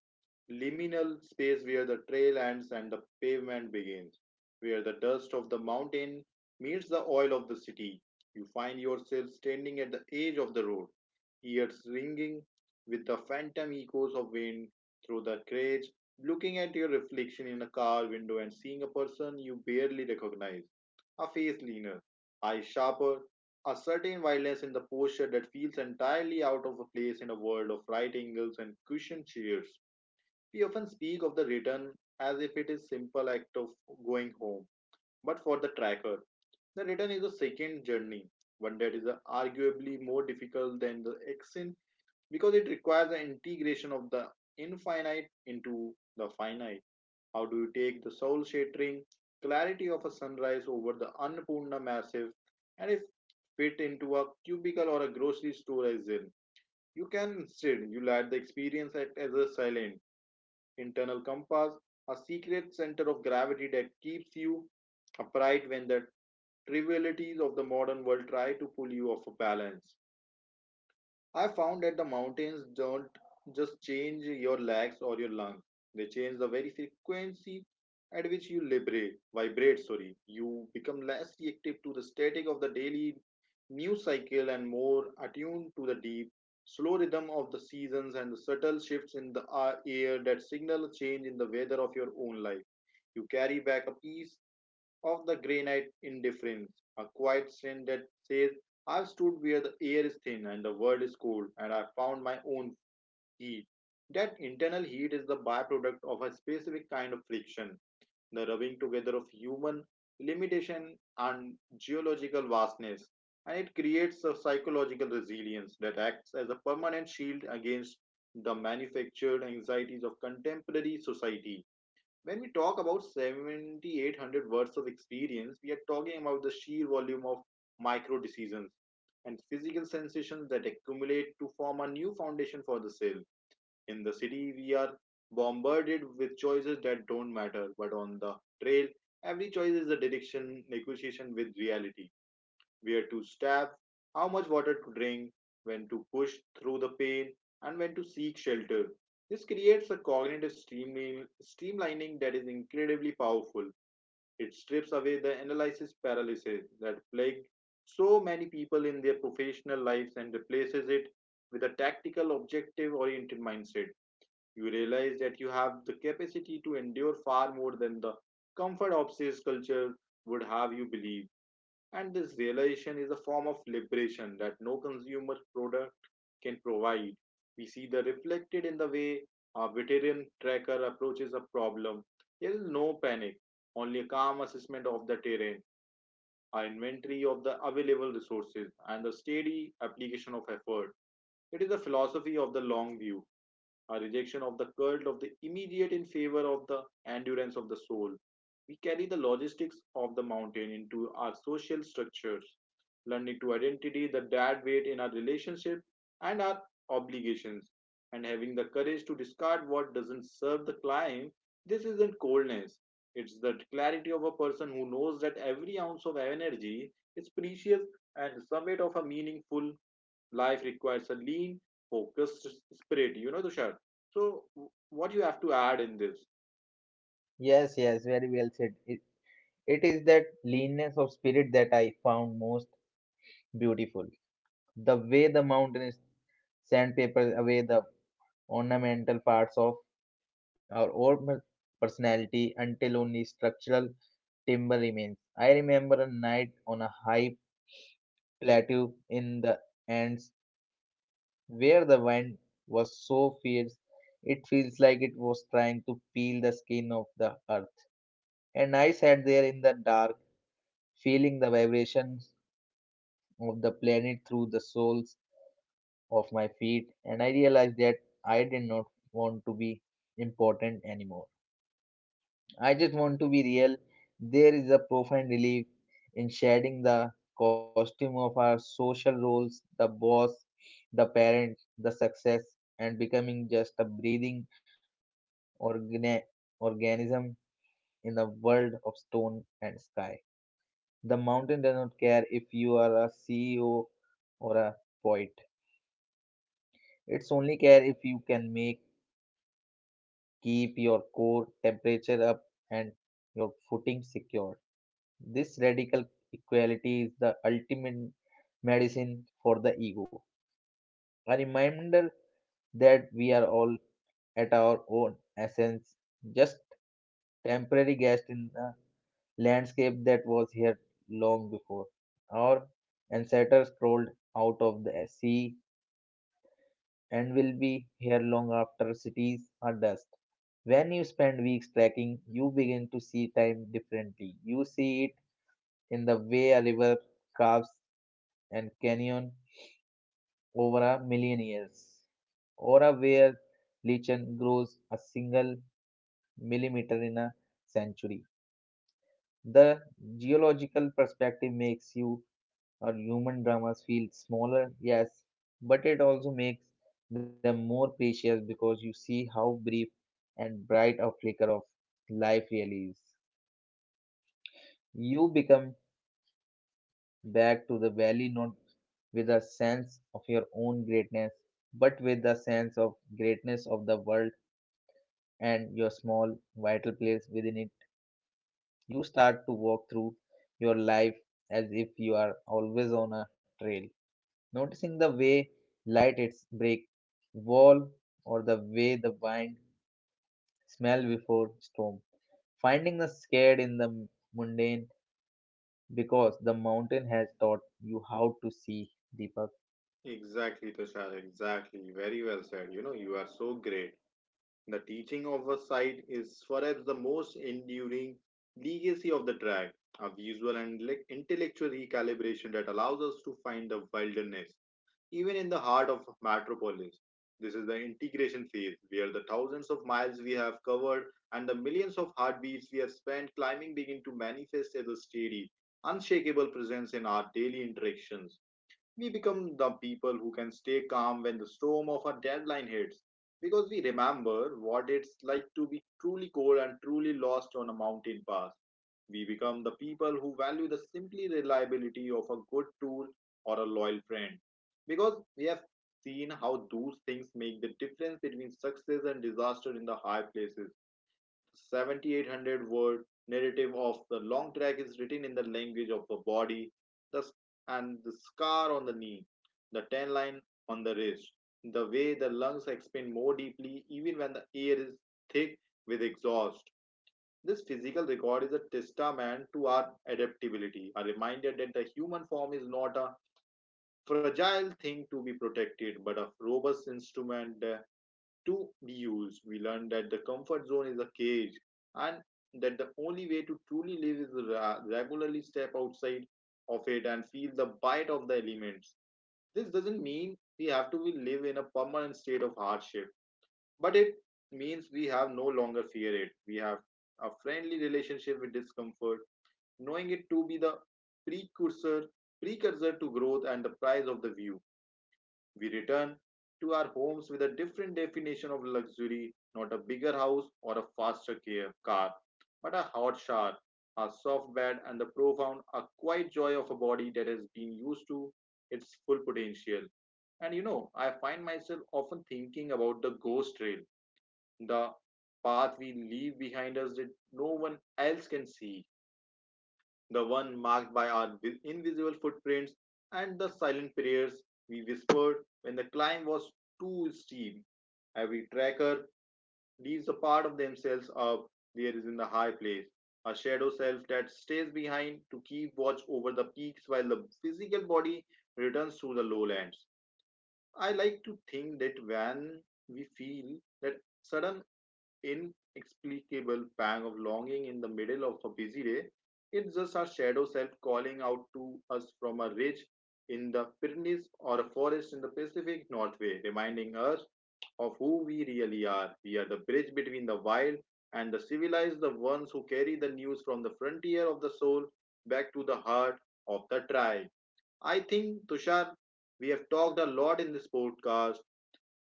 Speaker 1: liminal space where the trail ends and the pavement begins, where the dust of the mountain meets the oil of the city. You find yourself standing at the edge of the road, ears ringing with the phantom echoes of wind through the cage, looking at your reflection in a car window and seeing a person you barely recognize. A face leaner, eyes sharper, a certain violence in the posture that feels entirely out of place in a world of right angles and cushioned chairs. We often speak of the return as if it is simple act of going home, but for the tracker, the return is a second journey, one that is arguably more difficult than the ascent because it requires the integration of the infinite into the finite. How do you take the soul-shattering clarity of a sunrise over the Annapurna massive and if fit into a cubicle or a grocery store as in? You can instead you let the experience act as a silent internal compass, a secret center of gravity that keeps you upright when the trivialities of the modern world try to pull you off a balance. I found that the mountains don't just change your legs or your lungs. They change the very frequency at which you liberate, vibrate, sorry. You become less reactive to the static of the daily news cycle and more attuned to the deep, slow rhythm of the seasons and the subtle shifts in the air that signal a change in the weather of your own life. You carry back a piece of the granite indifference, a quiet strength that says, I've stood where the air is thin and the world is cold, and I found my own heat. That internal heat is the byproduct of a specific kind of friction, the rubbing together of human limitation and geological vastness, and it creates a psychological resilience that acts as a permanent shield against the manufactured anxieties of contemporary society. When we talk about 7,800 words of experience, we are talking about the sheer volume of micro decisions and physical sensations that accumulate to form a new foundation for the cell. In the city, we are bombarded with choices that don't matter, but on the trail, every choice is a direction negotiation with reality, where to stab, how much water to drink, when to push through the pain, and when to seek shelter. This creates a cognitive streamlining that is incredibly powerful. It strips away the analysis paralysis that plagued so many people in their professional lives and replaces it with a tactical, objective oriented mindset. You realize that you have the capacity to endure far more than the comfort obsessed culture would have you believe. And this realization is a form of liberation that no consumer product can provide. We see the reflected in the way a veteran tracker approaches a problem. There is no panic, only a calm assessment of the terrain, an inventory of the available resources, and the steady application of effort. It is the philosophy of the long view, a rejection of the cult of the immediate in favor of the endurance of the soul. We carry the logistics of the mountain into our social structures, learning to identify the dead weight in our relationship and our obligations, and having the courage to discard what doesn't serve the climb. This isn't coldness. It's the clarity of a person who knows that every ounce of energy is precious and the summit of a meaningful life requires a lean, focused spirit, you know, Tushar. So, what you have to add in this?
Speaker 2: Yes, yes, very well said. It is that leanness of spirit that I found most beautiful. The way the mountains sandpaper away the ornamental parts of our own personality until only structural timber remains. I remember a night on a high plateau in the Andes where the wind was so fierce it feels like it was trying to peel the skin of the earth. And I sat there in the dark, feeling the vibrations of the planet through the soles of my feet, and I realized that I did not want to be important anymore. I just want to be real. There is a profound relief in shedding the costume of our social roles, the boss, the parent, the success, and becoming just a breathing organ- organism in a world of stone and sky. The mountain does not care if you are a CEO or a poet. It's only care if you can make keep your core temperature up and your footing secure. This radical equality is the ultimate medicine for the ego. A reminder that we are all at our own essence, just temporary guests in the landscape that was here long before. Our ancestors crawled out of the sea and will be here long after cities are dust. When you spend weeks trekking, you begin to see time differently. You see it in the way a river carves and canyon over a million years, or a where lichen grows a single millimeter in a century. The geological perspective makes you or human dramas feel smaller, yes, but it also makes them more precious because you see how brief and bright a flicker of life really is. You become back to the valley not with a sense of your own greatness, but with the sense of greatness of the world and your small vital place within it. You start to walk through your life as if you are always on a trail, noticing the way light hits break wall or the way the wind smell before storm, finding the scared in the mundane because the mountain has taught you how to see deeper.
Speaker 1: Exactly, Tushar, exactly. Very well said. You know, you are so great. The teaching of a site is perhaps the most enduring legacy of the track, a visual and intellectual recalibration that allows us to find the wilderness even in the heart of metropolis. This is the integration phase where the thousands of miles we have covered and the millions of heartbeats we have spent climbing begin to manifest as a steady, unshakable presence in our daily interactions. We become the people who can stay calm when the storm of a deadline hits because we remember what it's like to be truly cold and truly lost on a mountain pass. We become the people who value the simply reliability of a good tool or a loyal friend because we have seen how those things make the difference between success and disaster in the high places. 7,800 word narrative of the long track is written in the language of the body, the, and the scar on the knee, the tan line on the wrist, the way the lungs expand more deeply even when the air is thick with exhaust. This physical record is a testament to our adaptability, a reminder that the human form is not a fragile thing to be protected, but a robust instrument to be used. We learn that the comfort zone is a cage and that the only way to truly live is regularly step outside of it and feel the bite of the elements. This doesn't mean we have to live in a permanent state of hardship, but it means we have no longer fear it. We have a friendly relationship with discomfort, knowing it to be the precursor precursor to growth and the prize of the view. We return to our homes with a different definition of luxury, not a bigger house or a faster car, but a hot shower, a soft bed, and the profound, a quiet joy of a body that has been used to its full potential. And you know, I find myself often thinking about the ghost trail, the path we leave behind us that no one else can see, the one marked by our invisible footprints and the silent prayers we whispered when the climb was too steep. Every tracker leaves a part of themselves up there is in the high place, a shadow self that stays behind to keep watch over the peaks while the physical body returns to the lowlands. I like to think that when we feel that sudden inexplicable pang of longing in the middle of a busy day, it's just our shadow self calling out to us from a ridge in the Pyrenees or a forest in the Pacific Northway, reminding us of who we really are. We are the bridge between the wild and the civilized, the ones who carry the news from the frontier of the soul back to the heart of the tribe. I think, Tushar, we have talked a lot in this podcast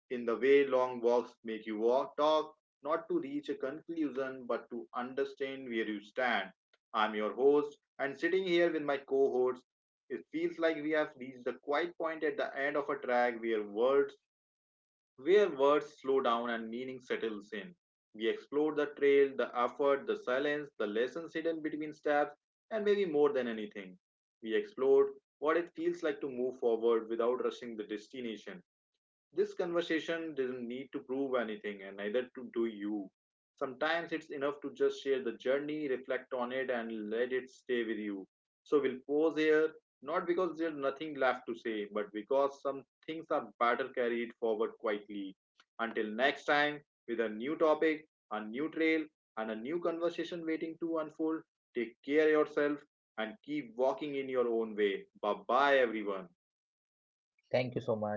Speaker 1: in the way long walks make you walk, talk, not to reach a conclusion, but to understand where you stand. I'm your host, and sitting here with my co host, it feels like we have reached the quiet point at the end of a track where words slow down and meaning settles in. We explore the trail, the effort, the silence, the lessons hidden between steps, and maybe more than anything, we explored what it feels like to move forward without rushing the destination. This conversation doesn't need to prove anything, and neither to do you. Sometimes it's enough to just share the journey, reflect on it, and let it stay with you. So we'll pause here, not because there's nothing left to say, but because some things are better carried forward quietly. Until next time, with a new topic, a new trail, and a new conversation waiting to unfold, take care of yourself and keep walking in your own way. Bye bye, everyone.
Speaker 2: Thank you so much.